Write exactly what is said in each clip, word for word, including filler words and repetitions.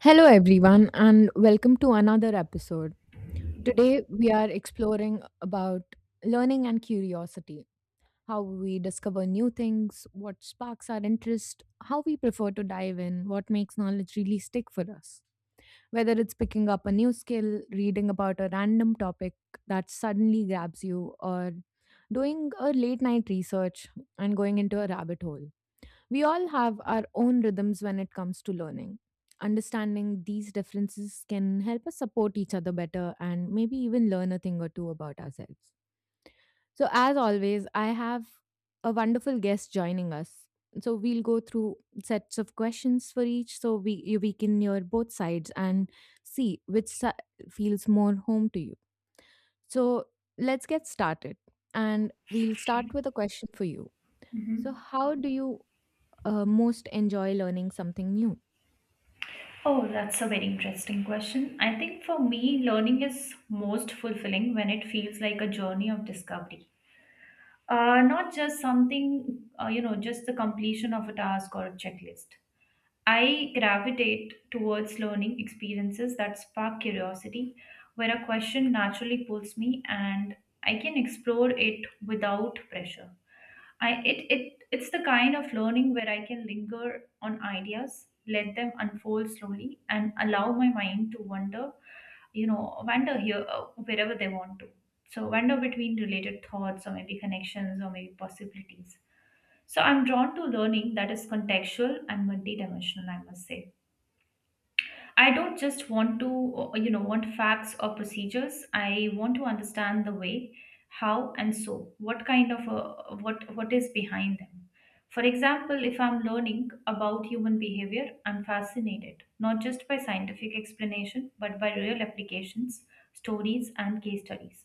Hello everyone and welcome to another episode. Today we are exploring about learning and curiosity, how we discover new things, what sparks our interest, how we prefer to dive in, what makes knowledge really stick for us. Whether it's picking up a new skill, reading about a random topic that suddenly grabs you or doing a late night research and going into a rabbit hole. We all have our own rhythms when it comes to learning. Understanding these differences can help us support each other better and maybe even learn a thing or two about ourselves. So, as always, I have a wonderful guest joining us. So, we'll go through sets of questions for each so we, you- we can hear both sides and see which si- feels more home to you. So, let's get started. And we'll start with a question for you. So, Mm. how do you uh, most enjoy learning something new? Oh, that's a very interesting question. I think for me, learning is most fulfilling when it feels like a journey of discovery. Uh, not just something, uh, you know, just the completion of a task or a checklist. I gravitate towards learning experiences that spark curiosity, where a question naturally pulls me and I can explore it without pressure. I it it it's the kind of learning where I can linger on ideas, let them unfold slowly, and allow my mind to wander, you know, wander here uh, wherever they want to. So wander between related thoughts or maybe connections or maybe possibilities. So I'm drawn to learning that is contextual and multidimensional, I must say. I don't just want to, uh, you know, want facts or procedures. I want to understand the way, how, and so. What kind of a, what what is behind them? For example, if I'm learning about human behavior, I'm fascinated not just by scientific explanation but by real applications, stories, and case studies.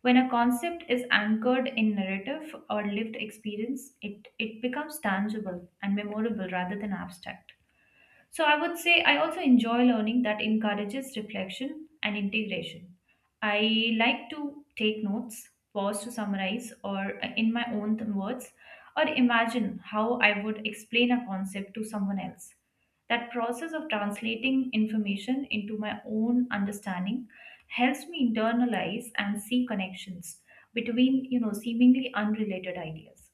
When a concept is anchored in narrative or lived experience, it, it becomes tangible and memorable rather than abstract. So I would say I also enjoy learning that encourages reflection and integration. I like to take notes, pause to summarize, or uh, in my own th- words, or imagine how I would explain a concept to someone else. That process of translating information into my own understanding helps me internalize and see connections between, you know, seemingly unrelated ideas.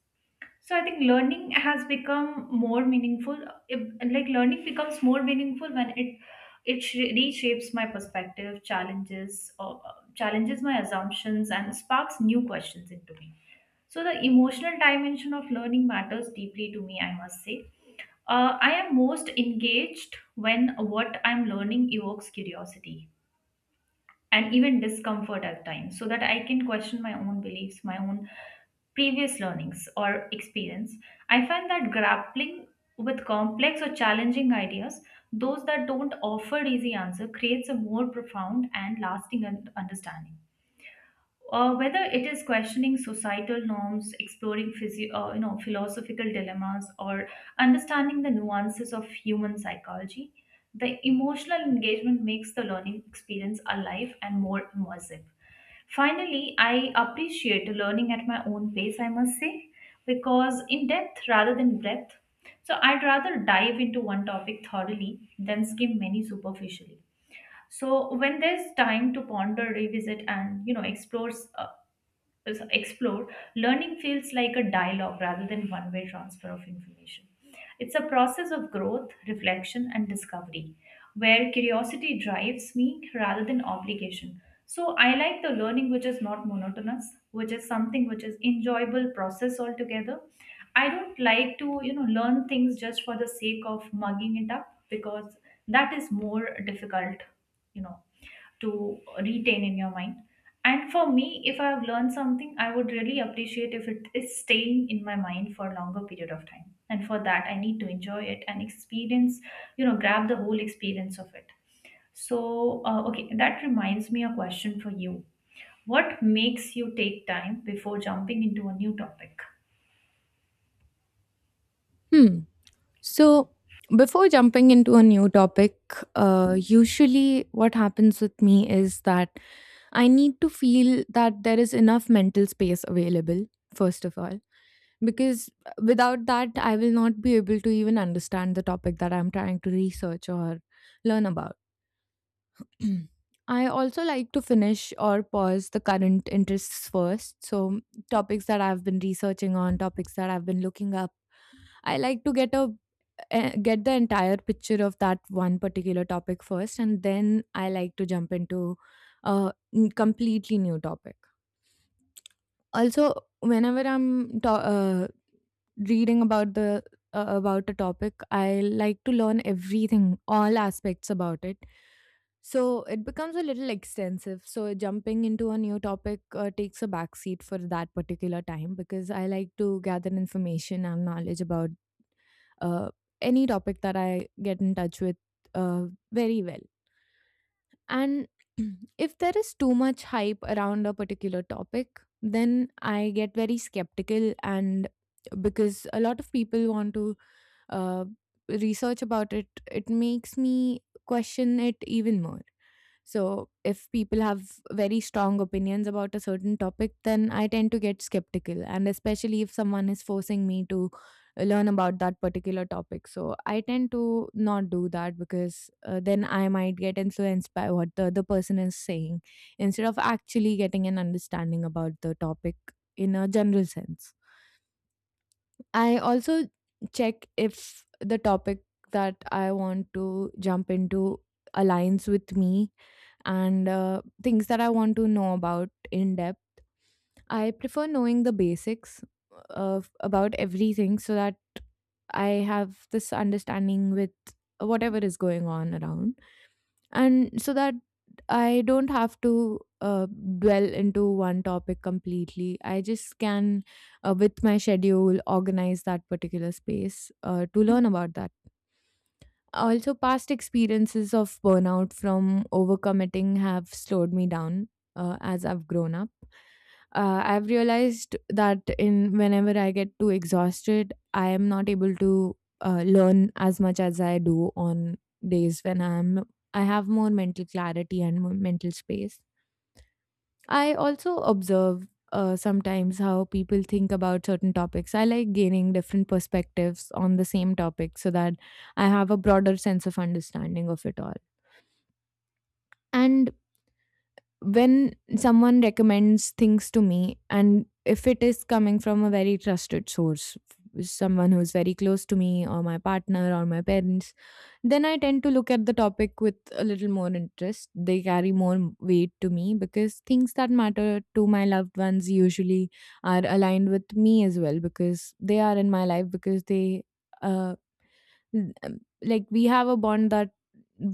So I think learning has become more meaningful. If- Like learning becomes more meaningful when it it sh- reshapes my perspective, challenges or uh, challenges my assumptions, and sparks new questions into me. So the emotional dimension of learning matters deeply to me, I must say. uh, I am most engaged when what I'm learning evokes curiosity and even discomfort at times so that I can question my own beliefs, my own previous learnings or experience. I find that grappling with complex or challenging ideas, those that don't offer easy answer, creates a more profound and lasting un- understanding, uh, whether it is questioning societal norms, exploring physio- uh, you know, philosophical dilemmas, or understanding the nuances of human psychology, the emotional engagement makes the learning experience alive and more immersive. Finally, I appreciate learning at my own pace, I must say, because in depth rather than breadth. So I'd rather dive into one topic thoroughly than skim many superficially so when there's time to ponder revisit and you know explore uh, is- explore, learning feels like a dialogue rather than one way transfer of information. It's a process of growth, reflection, and discovery where curiosity drives me rather than obligation. So I like the learning which is not monotonous, which is something which is enjoyable process altogether. I don't like to, you know, learn things just for the sake of mugging it up because that is more difficult, you know to retain in your mind. And for me, if I have learned something, I would really appreciate if it is staying in my mind for a longer period of time. And for that, I need to enjoy it and experience, you know, grab the whole experience of it. So, uh, okay, that reminds me a question for you. What makes you take time before jumping into a new topic? Hmm. So, before jumping into a new topic, uh, usually what happens with me is that I need to feel that there is enough mental space available, first of all, because without that, I will not be able to even understand the topic that I'm trying to research or learn about. I also like to finish or pause the current interests first. So, topics that I've been researching on, topics that I've been looking up I like to get a eh, get the entire picture of that one particular topic first, and then I like to jump into a n- completely new topic. Also, whenever I'm ta- uh, reading about the uh, about a topic, I like to learn everything, all aspects about it. So it becomes a little extensive. So jumping into a new topic uh, takes a backseat for that particular time because I like to gather information and knowledge about uh, any topic that I get in touch with uh, very well. And if there is too much hype around a particular topic, then I get very skeptical, and because a lot of people want to uh, research about it, it makes me question it even more. So, if people have very strong opinions about a certain topic, then I tend to get skeptical. And especially if someone is forcing me to learn about that particular topic. So I tend to not do that because uh, then I might get influenced by what the other person is saying instead of actually getting an understanding about the topic in a general sense. I also check if the topic that I want to jump into aligns with me and uh, things that I want to know about in depth. I prefer knowing the basics of about everything so that I have this understanding with whatever is going on around, and so that I don't have to uh, dwell into one topic completely. I just can, uh, with my schedule, organize that particular space uh, to learn about that. Also, past experiences of burnout from overcommitting have slowed me down uh, as I've grown up. Uh, I've realized that in whenever I get too exhausted, I am not able to uh, learn as much as I do on days when I'm I have more mental clarity and more mental space. I also observe uh, sometimes how people think about certain topics. I like gaining different perspectives on the same topic so that I have a broader sense of understanding of it all. And when someone recommends things to me, and if it is coming from a very trusted source, someone who's very close to me, or my partner, or my parents, then I tend to look at the topic with a little more interest. They carry more m- weight to me because things that matter to my loved ones usually are aligned with me as well because they are in my life because they, uh, l- um, like, we have a bond that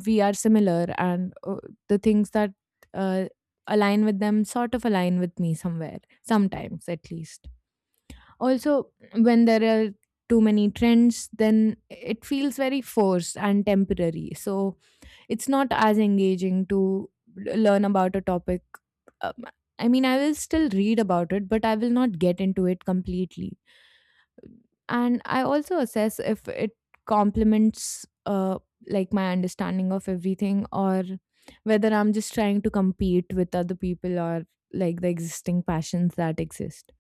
we are similar and uh, the things that uh, align with them sort of align with me somewhere, sometimes at least. Also, when there are too many trends, then it feels very forced and temporary. So, it's not as engaging to l- learn about a topic. Um, I mean, I will still read about it, but I will not get into it completely. And I also assess if it complements uh, like my understanding of everything or whether I'm just trying to compete with other people or like the existing passions that exist.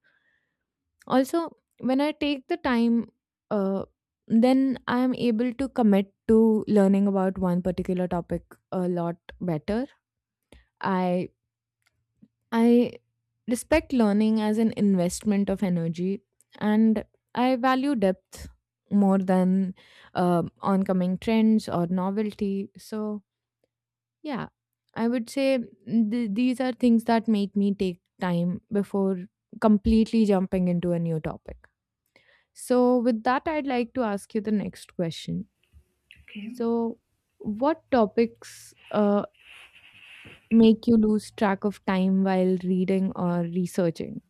Also, when I take the time, uh, then I'm able to commit to learning about one particular topic a lot better. I I respect learning as an investment of energy, and I value depth more than uh, oncoming trends or novelty. So yeah, I would say th- these are things that make me take time before completely jumping into a new topic. So with that, I'd like to ask you the next question. Okay. So what topics uh, make you lose track of time while reading or researching?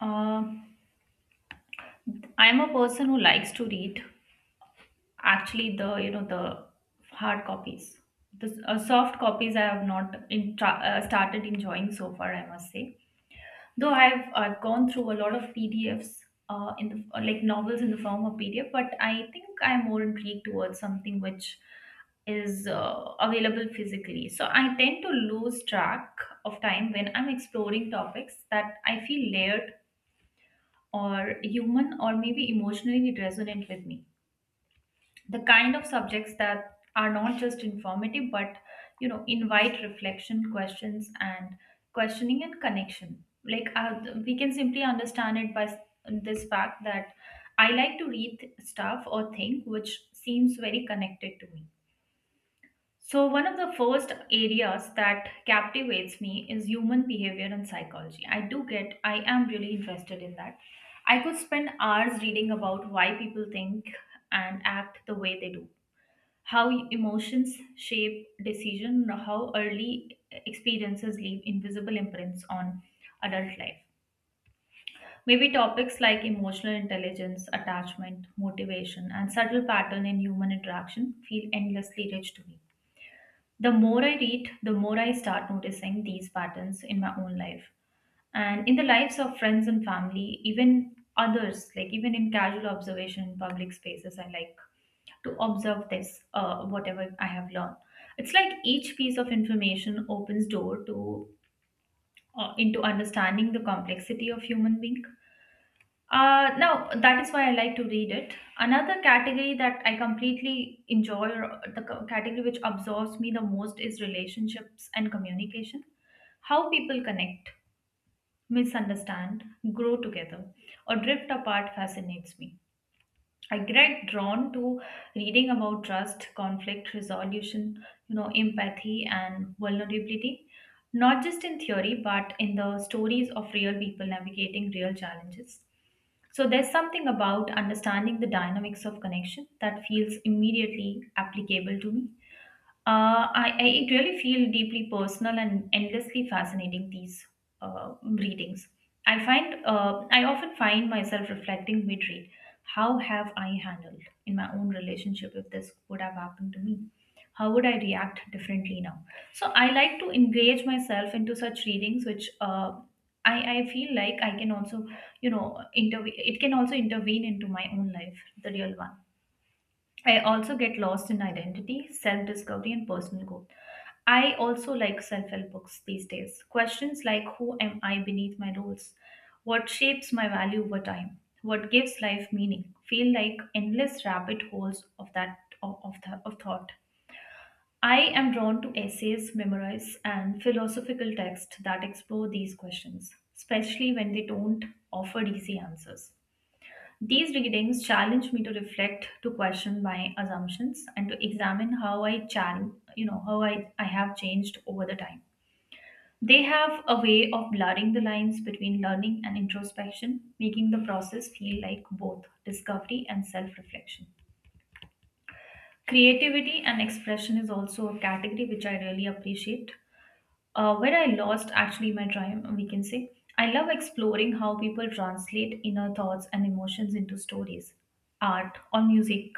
Uh, I'm a person who likes to read, actually the you know the hard copies the uh, soft copies I have not in tra- uh, started enjoying so far, I must say, though i've i've gone through a lot of PDFs uh, in the uh, like novels in the form of PDF, but I think I'm more intrigued towards something which is uh, available physically. So I tend to lose track of time when I'm exploring topics that I feel layered or human or maybe emotionally resonant with me, the kind of subjects that are not just informative but you know invite reflection questions and questioning and connection, like, uh, we can simply understand it by s- this fact that I like to read th- stuff or think which seems very connected to me. So one of the first areas that captivates me is human behavior and psychology. I do get I am really interested in that. I could spend hours reading about why people think and act the way they do, how emotions shape decision, how early experiences leave invisible imprints on adult life. Maybe topics like emotional intelligence, attachment, motivation, and subtle pattern in human interaction feel endlessly rich to me. The more I read, the more I start noticing these patterns in my own life and in the lives of friends and family, even others, like even in casual observation in public spaces. I like to observe this, uh, whatever I have learned. It's like each piece of information opens door to, uh, into understanding the complexity of human being. Uh, now that is why I like to read it. Another category that I completely enjoy, or the c- category which absorbs me the most, is relationships and communication. How people connect, misunderstand, grow together, or drift apart fascinates me. I get drawn to reading about trust, conflict resolution, you know, empathy and vulnerability, not just in theory, but in the stories of real people navigating real challenges. So there's something about understanding the dynamics of connection that feels immediately applicable to me. Uh, I, I It really feel deeply personal and endlessly fascinating these uh, readings. I find uh, I often find myself reflecting mid-read. How have I handled in my own relationship if this would have happened to me? How would I react differently now? So I like to engage myself into such readings, which, uh, I I feel like I can also, you know intervene. It can also intervene into my own life, the real one. I also get lost in identity, self discovery, and personal growth. I also like self help books these days. Questions like who am I beneath my roles? What shapes my value over time? What gives life meaning? Feel like endless rabbit holes of that of, of, th- of thought. I am drawn to essays, memoirs, and philosophical texts that explore these questions, especially when they don't offer easy answers. These readings challenge me to reflect, to question my assumptions, and to examine how I challenge, you know, how I, I have changed over the time. They have a way of blurring the lines between learning and introspection, making the process feel like both discovery and self reflection. Creativity and expression is also a category which I really appreciate. Uh, where I lost actually my time, we can say. I love exploring how people translate inner thoughts and emotions into stories, art, or music.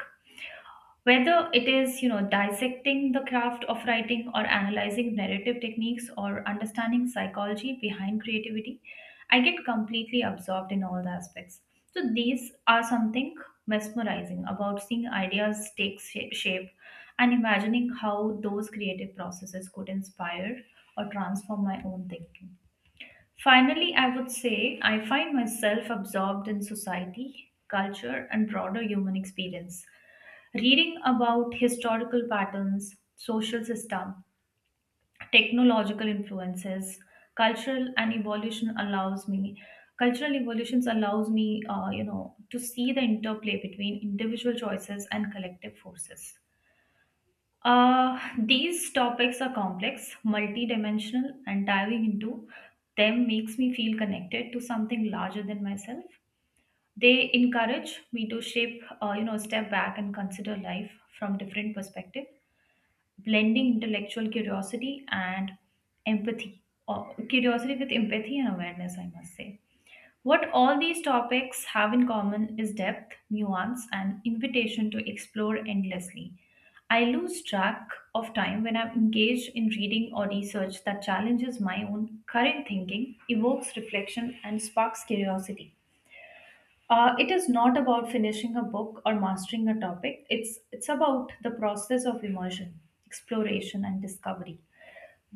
Whether it is, you know, dissecting the craft of writing or analyzing narrative techniques or understanding psychology behind creativity, I get completely absorbed in all the aspects. So these are something mesmerizing about seeing ideas take sha- shape and imagining how those creative processes could inspire or transform my own thinking. Finally, I would say I find myself absorbed in society, culture, and broader human experience. Reading about historical patterns, social system, technological influences, cultural and evolution allows me cultural evolutions allows me, uh, you know to see the interplay between individual choices and collective forces. Uh, these topics are complex, multidimensional, and diving into them makes me feel connected to something larger than myself. They encourage me to shape, uh, you know, step back and consider life from different perspective, blending intellectual curiosity and empathy, or curiosity with empathy and awareness, I must say. What all these topics have in common is depth, nuance, and invitation to explore endlessly. I lose track of time when I'm engaged in reading or research that challenges my own current thinking, evokes reflection, and sparks curiosity. Uh, it is not about finishing a book or mastering a topic. It's it's about the process of immersion, exploration, and discovery.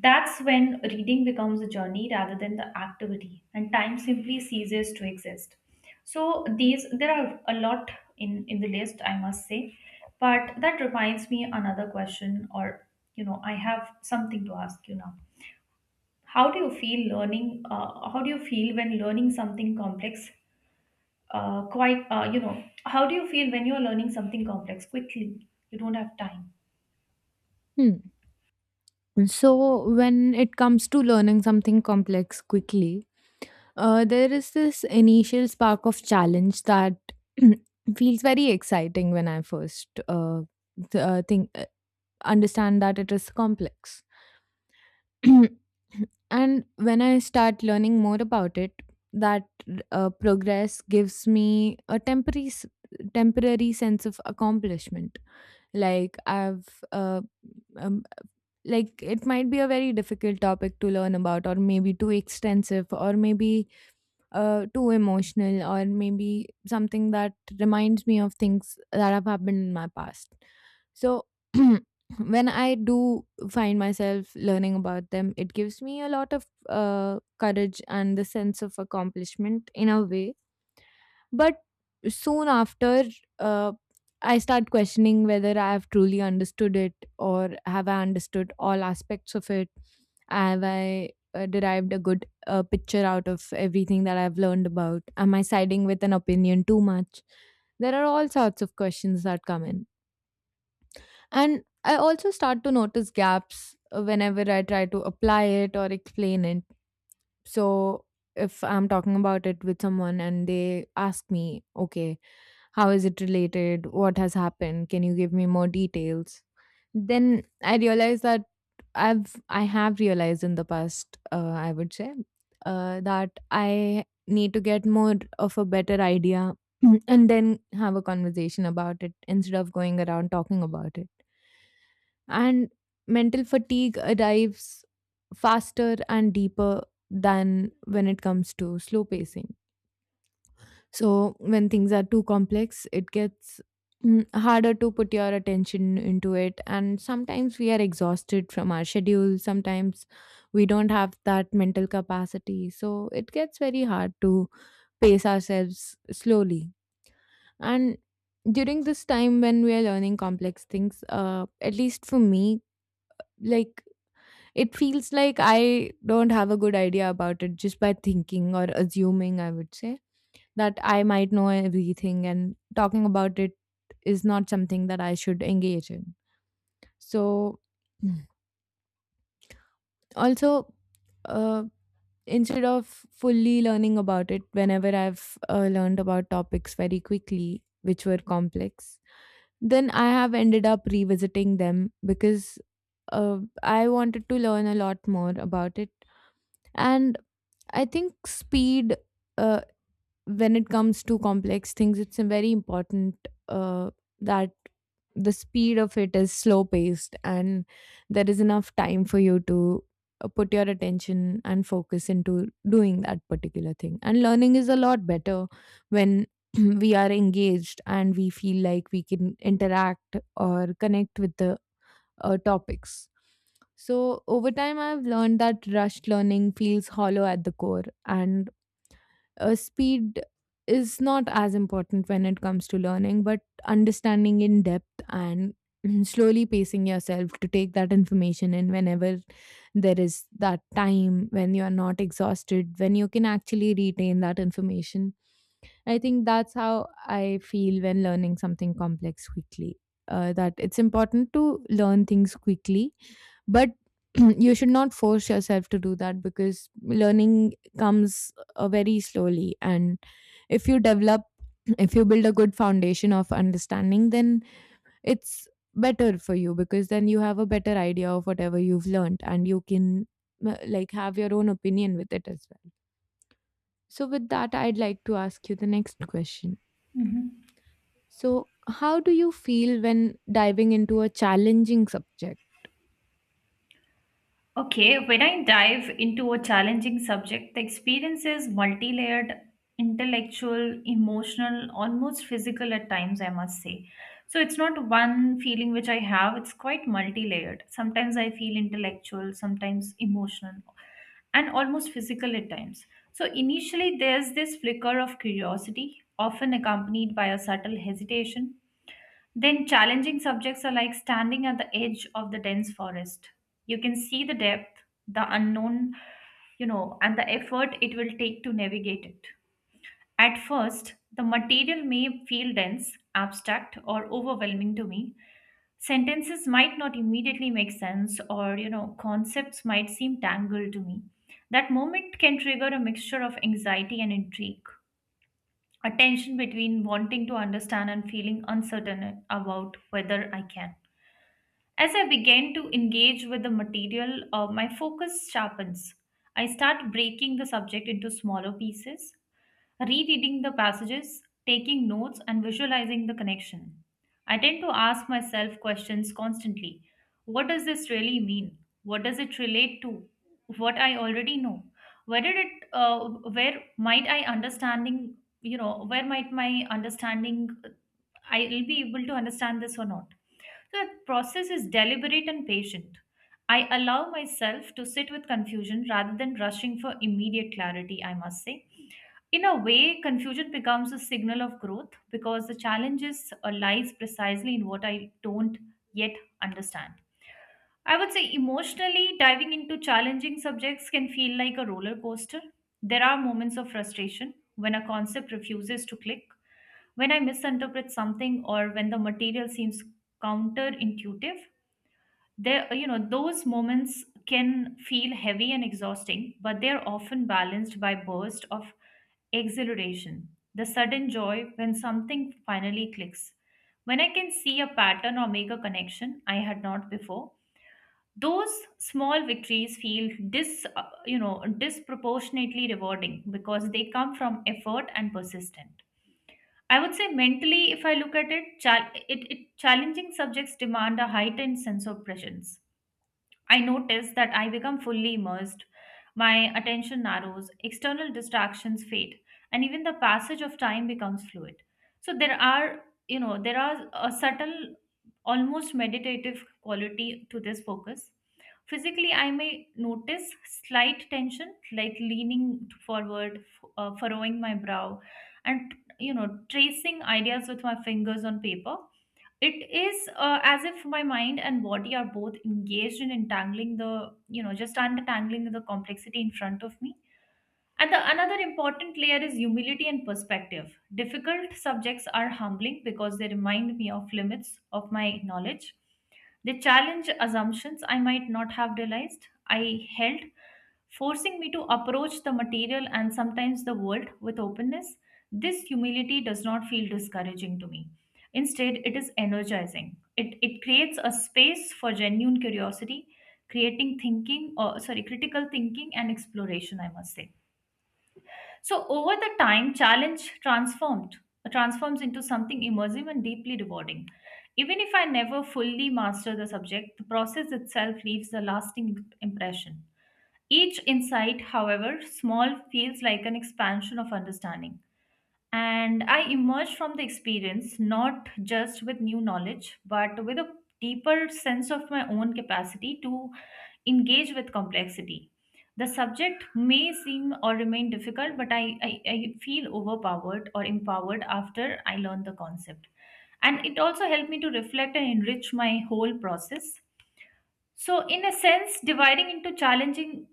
That's when reading becomes a journey rather than the activity, and time simply ceases to exist. So these there are a lot in in the list, I must say, but that reminds me another question, or, you know, I have something to ask you now. How do you feel learning? Uh, how do you feel when learning something complex uh, quite uh, you know How do you feel when you are learning something complex quickly, you don't have time? Hmm. So, when it comes to learning something complex quickly, uh, there is this initial spark of challenge that feels very exciting when I first uh, th- uh, think uh, understand that it is complex. And when I start learning more about it, that uh, progress gives me a temporary s- temporary sense of accomplishment. Like I've uh, um, like it might be a very difficult topic to learn about or maybe too extensive or maybe uh, too emotional or maybe something that reminds me of things that have happened in my past. So when I do find myself learning about them it gives me a lot of uh, courage and the sense of accomplishment in a way. But soon after, uh, I start questioning whether I have truly understood it or have I understood all aspects of it. Have I uh, derived a good uh, picture out of everything that I've learned about? Am I siding with an opinion too much? There are all sorts of questions that come in. And I also start to notice gaps uh, whenever I try to apply it or explain it. So if I'm talking about it with someone and they ask me, okay, how is it related? What has happened? Can you give me more details? Then I realized that I've I have realized in the past, uh, I would say, uh, that I need to get more of a better idea and then have a conversation about it instead of going around talking about it. And mental fatigue arrives faster and deeper than when it comes to slow pacing. So when things are too complex, it gets mm, harder to put your attention into it. And sometimes we are exhausted from our schedule. Sometimes we don't have that mental capacity. So it gets very hard to pace ourselves slowly. And during this time when we are learning complex things, uh, at least for me, like it feels like I don't have a good idea about it just by thinking or assuming, I would say that I might know everything, and talking about it is not something that I should engage in. So, Mm. Also, uh, instead of fully learning about it, whenever I've uh, learned about topics very quickly, which were complex, then I have ended up revisiting them because uh, I wanted to learn a lot more about it. And I think speed. Uh, when it comes to complex things, it's a very important uh, that the speed of it is slow paced and there is enough time for you to uh, put your attention and focus into doing that particular thing. And learning is a lot better when we are engaged and we feel like we can interact or connect with the uh, topics. So, over time, I've learned that rushed learning feels hollow at the core, and uh, speed is not as important when it comes to learning, but understanding in depth and slowly pacing yourself to take that information in whenever there is that time when you are not exhausted, when you can actually retain that information. I think that's how I feel when learning something complex quickly. Uh, that it's important to learn things quickly, but you should not force yourself to do that because learning comes uh, very slowly, and if you develop if you build a good foundation of understanding then it's better for you because then you have a better idea of whatever you've learned and you can uh, like have your own opinion with it as well. So with that, I'd like to ask you the next question. So how do you feel when diving into a challenging subject? Okay, when I dive into a challenging subject, the experience is multi layered, intellectual, emotional, almost physical at times, I must say. So it's not one feeling which I have, it's quite multi layered. Sometimes I feel intellectual, sometimes emotional, and almost physical at times. So initially, there's this flicker of curiosity, often accompanied by a subtle hesitation. Then challenging subjects are like standing at the edge of the dense forest. You can see the depth, the unknown, you know, and the effort it will take to navigate it. At first, the material may feel dense, abstract, or overwhelming to me. Sentences might not immediately make sense, or you know, concepts might seem tangled to me. That moment can trigger a mixture of anxiety and intrigue, a tension between wanting to understand and feeling uncertain about whether I can. As I begin to engage with the material, uh, my focus sharpens. I start breaking the subject into smaller pieces, rereading the passages, taking notes, and visualizing the connection. I tend to ask myself questions constantly. What does this really mean? What does it relate to? What I already know? Where did it, uh, where might I understanding, you know, where might my understanding, I'll be able to understand this or not? The process is deliberate and patient. I allow myself to sit with confusion rather than rushing for immediate clarity, I must say. In a way, confusion becomes a signal of growth because the challenges uh, lies precisely in what I don't yet understand. I would say emotionally, diving into challenging subjects can feel like a roller coaster. There are moments of frustration when a concept refuses to click, when I misinterpret something, or when the material seems counterintuitive, there you know those moments can feel heavy and exhausting, but they're often balanced by bursts of exhilaration, the sudden joy when something finally clicks, when I can see a pattern or make a connection I had not before. Those small victories feel dis uh, you know disproportionately rewarding because they come from effort and persistence. I would say mentally, if I look at it chal- it, it challenging subjects demand a heightened sense of presence. I notice that I become fully immersed, my attention narrows, external distractions fade, and even the passage of time becomes fluid. So there are, you know, there are a subtle, almost meditative quality to this focus. Physically, I may notice slight tension, like leaning forward, f- uh, furrowing my brow, and you know, tracing ideas with my fingers on paper. It is uh, as if my mind and body are both engaged in entangling the, you know, just untangling the complexity in front of me. And the another important layer is humility and perspective. Difficult subjects are humbling because they remind me of limits of my knowledge. They challenge assumptions I might not have realized I held, forcing me to approach the material, and sometimes the world, with openness. This humility does not feel discouraging to me. Instead, it is energizing. It, it creates a space for genuine curiosity, creating thinking, or sorry, critical thinking and exploration, I must say. So over the time, challenge transformed transforms into something immersive and deeply rewarding. Even if I never fully master the subject, the process itself leaves a lasting impression. Each insight, however small, feels like an expansion of understanding. And I emerged from the experience not just with new knowledge, but with a deeper sense of my own capacity to engage with complexity. The subject may seem or remain difficult, but I, I, I feel overpowered or empowered after I learn the concept. And it also helped me to reflect and enrich my whole process. So, in a sense, dividing into challenging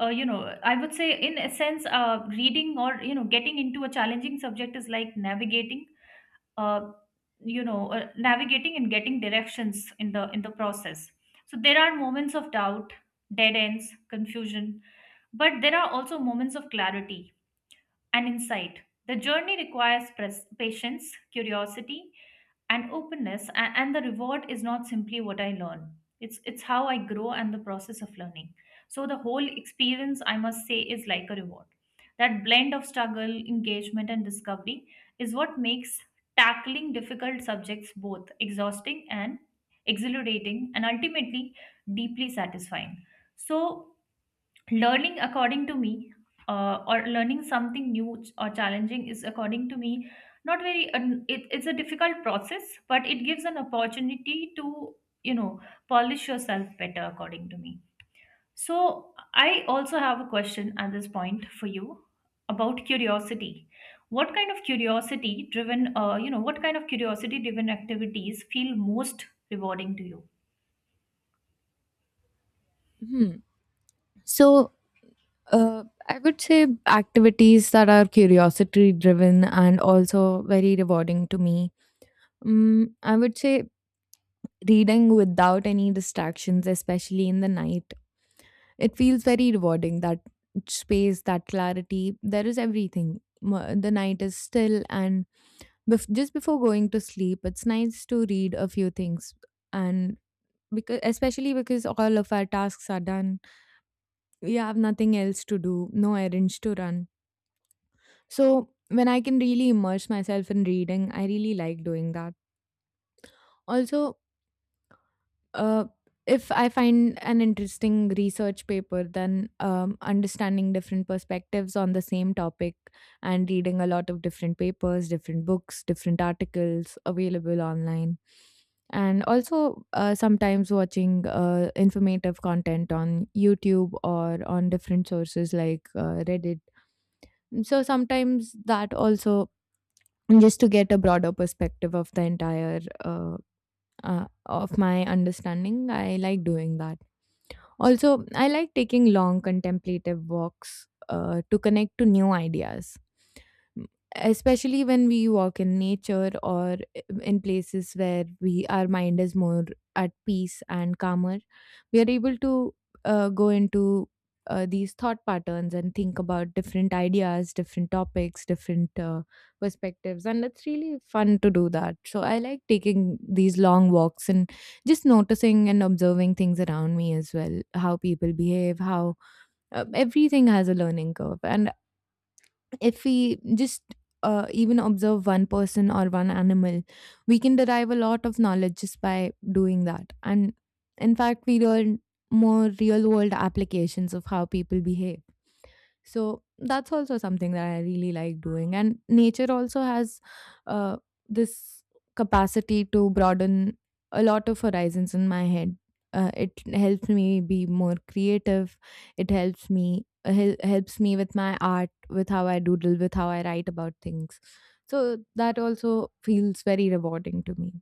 uh, you know I would say in a sense uh, reading, or you know getting into a challenging subject is like navigating uh, you know uh, navigating and getting directions in the in the process. So there are moments of doubt, dead ends, confusion, but there are also moments of clarity and insight. The journey requires pres- patience, curiosity, and openness, and, and the reward is not simply what I learn, it's it's how I grow and the process of learning. So the whole experience, I must say, is like a reward. That blend of struggle, engagement, and discovery is what makes tackling difficult subjects both exhausting and exhilarating and ultimately deeply satisfying. So learning, according to me, uh, or learning something new, ch- or challenging, is, according to me, not very an it, it's a difficult process, but it gives an opportunity to you know polish yourself better, according to me. So I also have a question at this point for you, about curiosity. What kind of curiosity driven uh, you know what kind of curiosity driven activities feel most rewarding to you? Hmm. So uh, I would say activities that are curiosity driven and also very rewarding to me. Mm, I would say reading without any distractions, especially in the night. It feels very rewarding, that space, that clarity. There is everything. Mo- The night is still, and bef- just before going to sleep, it's nice to read a few things. And because, especially because all of our tasks are done, we have nothing else to do, no errands to run. So, when I can really immerse myself in reading, I really like doing that. Also, uh, if I find an interesting research paper, then um, understanding different perspectives on the same topic and reading a lot of different papers, different books, different articles available online. And also, uh, sometimes watching uh, informative content on YouTube or on different sources like uh, Reddit. So, sometimes that also, just to get a broader perspective of the entire uh, uh, of my understanding, I like doing that. Also, I like taking long contemplative walks uh, to connect to new ideas, M- especially when we walk in nature or uh, in places where we our mind is more at peace and calmer. We are able to uh, go into uh, these thought patterns and think about different ideas, different topics, different uh, perspectives, and it's really fun to do that. So I like taking these long walks and just noticing and observing things around me as well, how people behave, how uh, everything has a learning curve. And if we just uh, even observe one person or one animal, we can derive a lot of knowledge just by doing that. And in fact we learn more real world applications of how people behave, so that's also something that I really like doing. And nature also has uh, this capacity to broaden a lot of horizons in my head. Uh, it helps me be more creative. It helps me uh, hel- helps me with my art, with how I doodle, with how I write about things. So that also feels very rewarding to me.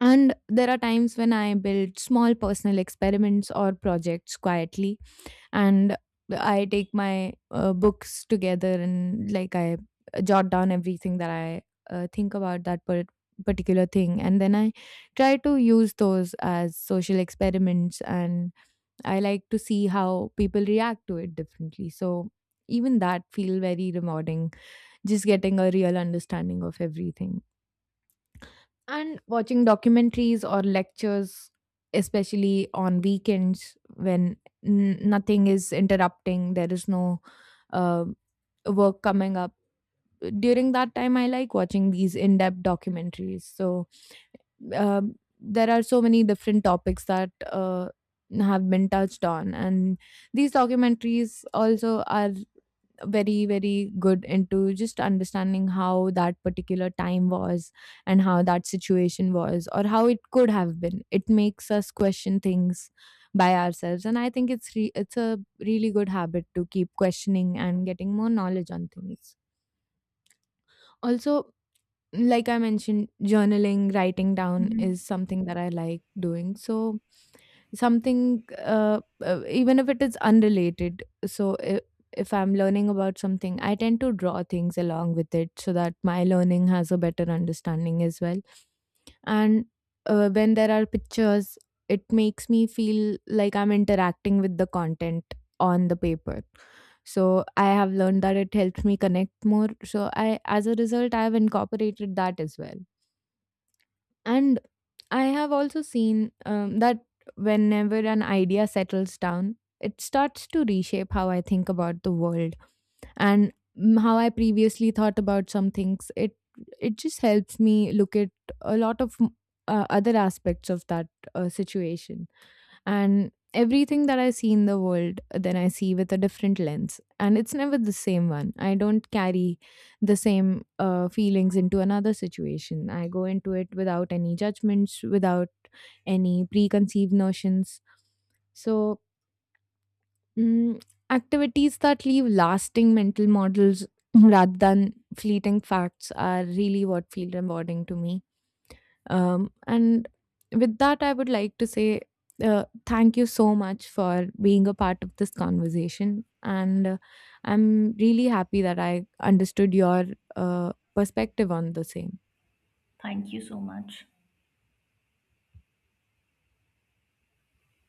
And there are times when I build small personal experiments or projects quietly, and I take my uh, books together, and like I jot down everything that I uh, think about that par- particular thing, and then I try to use those as social experiments, and I like to see how people react to it differently. So even that feel very rewarding, just getting a real understanding of everything. And watching documentaries or lectures, especially on weekends when n- nothing is interrupting, there is no uh, work coming up. During that time, I like watching these in depth documentaries. So, um there are so many different topics that uh, have been touched on, and these documentaries also are very, very good into just understanding how that particular time was and how that situation was or how it could have been. It makes us question things by ourselves, and I think it's re- it's a really good habit to keep questioning and getting more knowledge on things. Also, like I mentioned, journaling, writing down Mhm. is something that I like doing. So, something, uh, uh, even if it is unrelated, so if, if I'm learning about something, I tend to draw things along with it so that my learning has a better understanding as well. And uh, when there are pictures, it makes me feel like I'm interacting with the content on the paper. So I have learned that it helps me connect more, so I as a result I have incorporated that as well. And I have also seen um, that whenever an idea settles down, it starts to reshape how I think about the world and mm, how I previously thought about some things. It it just helps me look at a lot of mm, uh, other aspects of that uh, situation. And everything that I see in the world, then I see with a different lens, and it's never the same one. I don't carry the same uh, feelings into another situation. I go into it without any judgments, without any preconceived notions. So, mm, activities that leave lasting mental models rather than fleeting facts are really what feel rewarding to me. um, and with that, I would like to say uh, thank you so much for being a part of this conversation. And uh, I'm really happy that I understood your uh, perspective on the same. Thank you so much.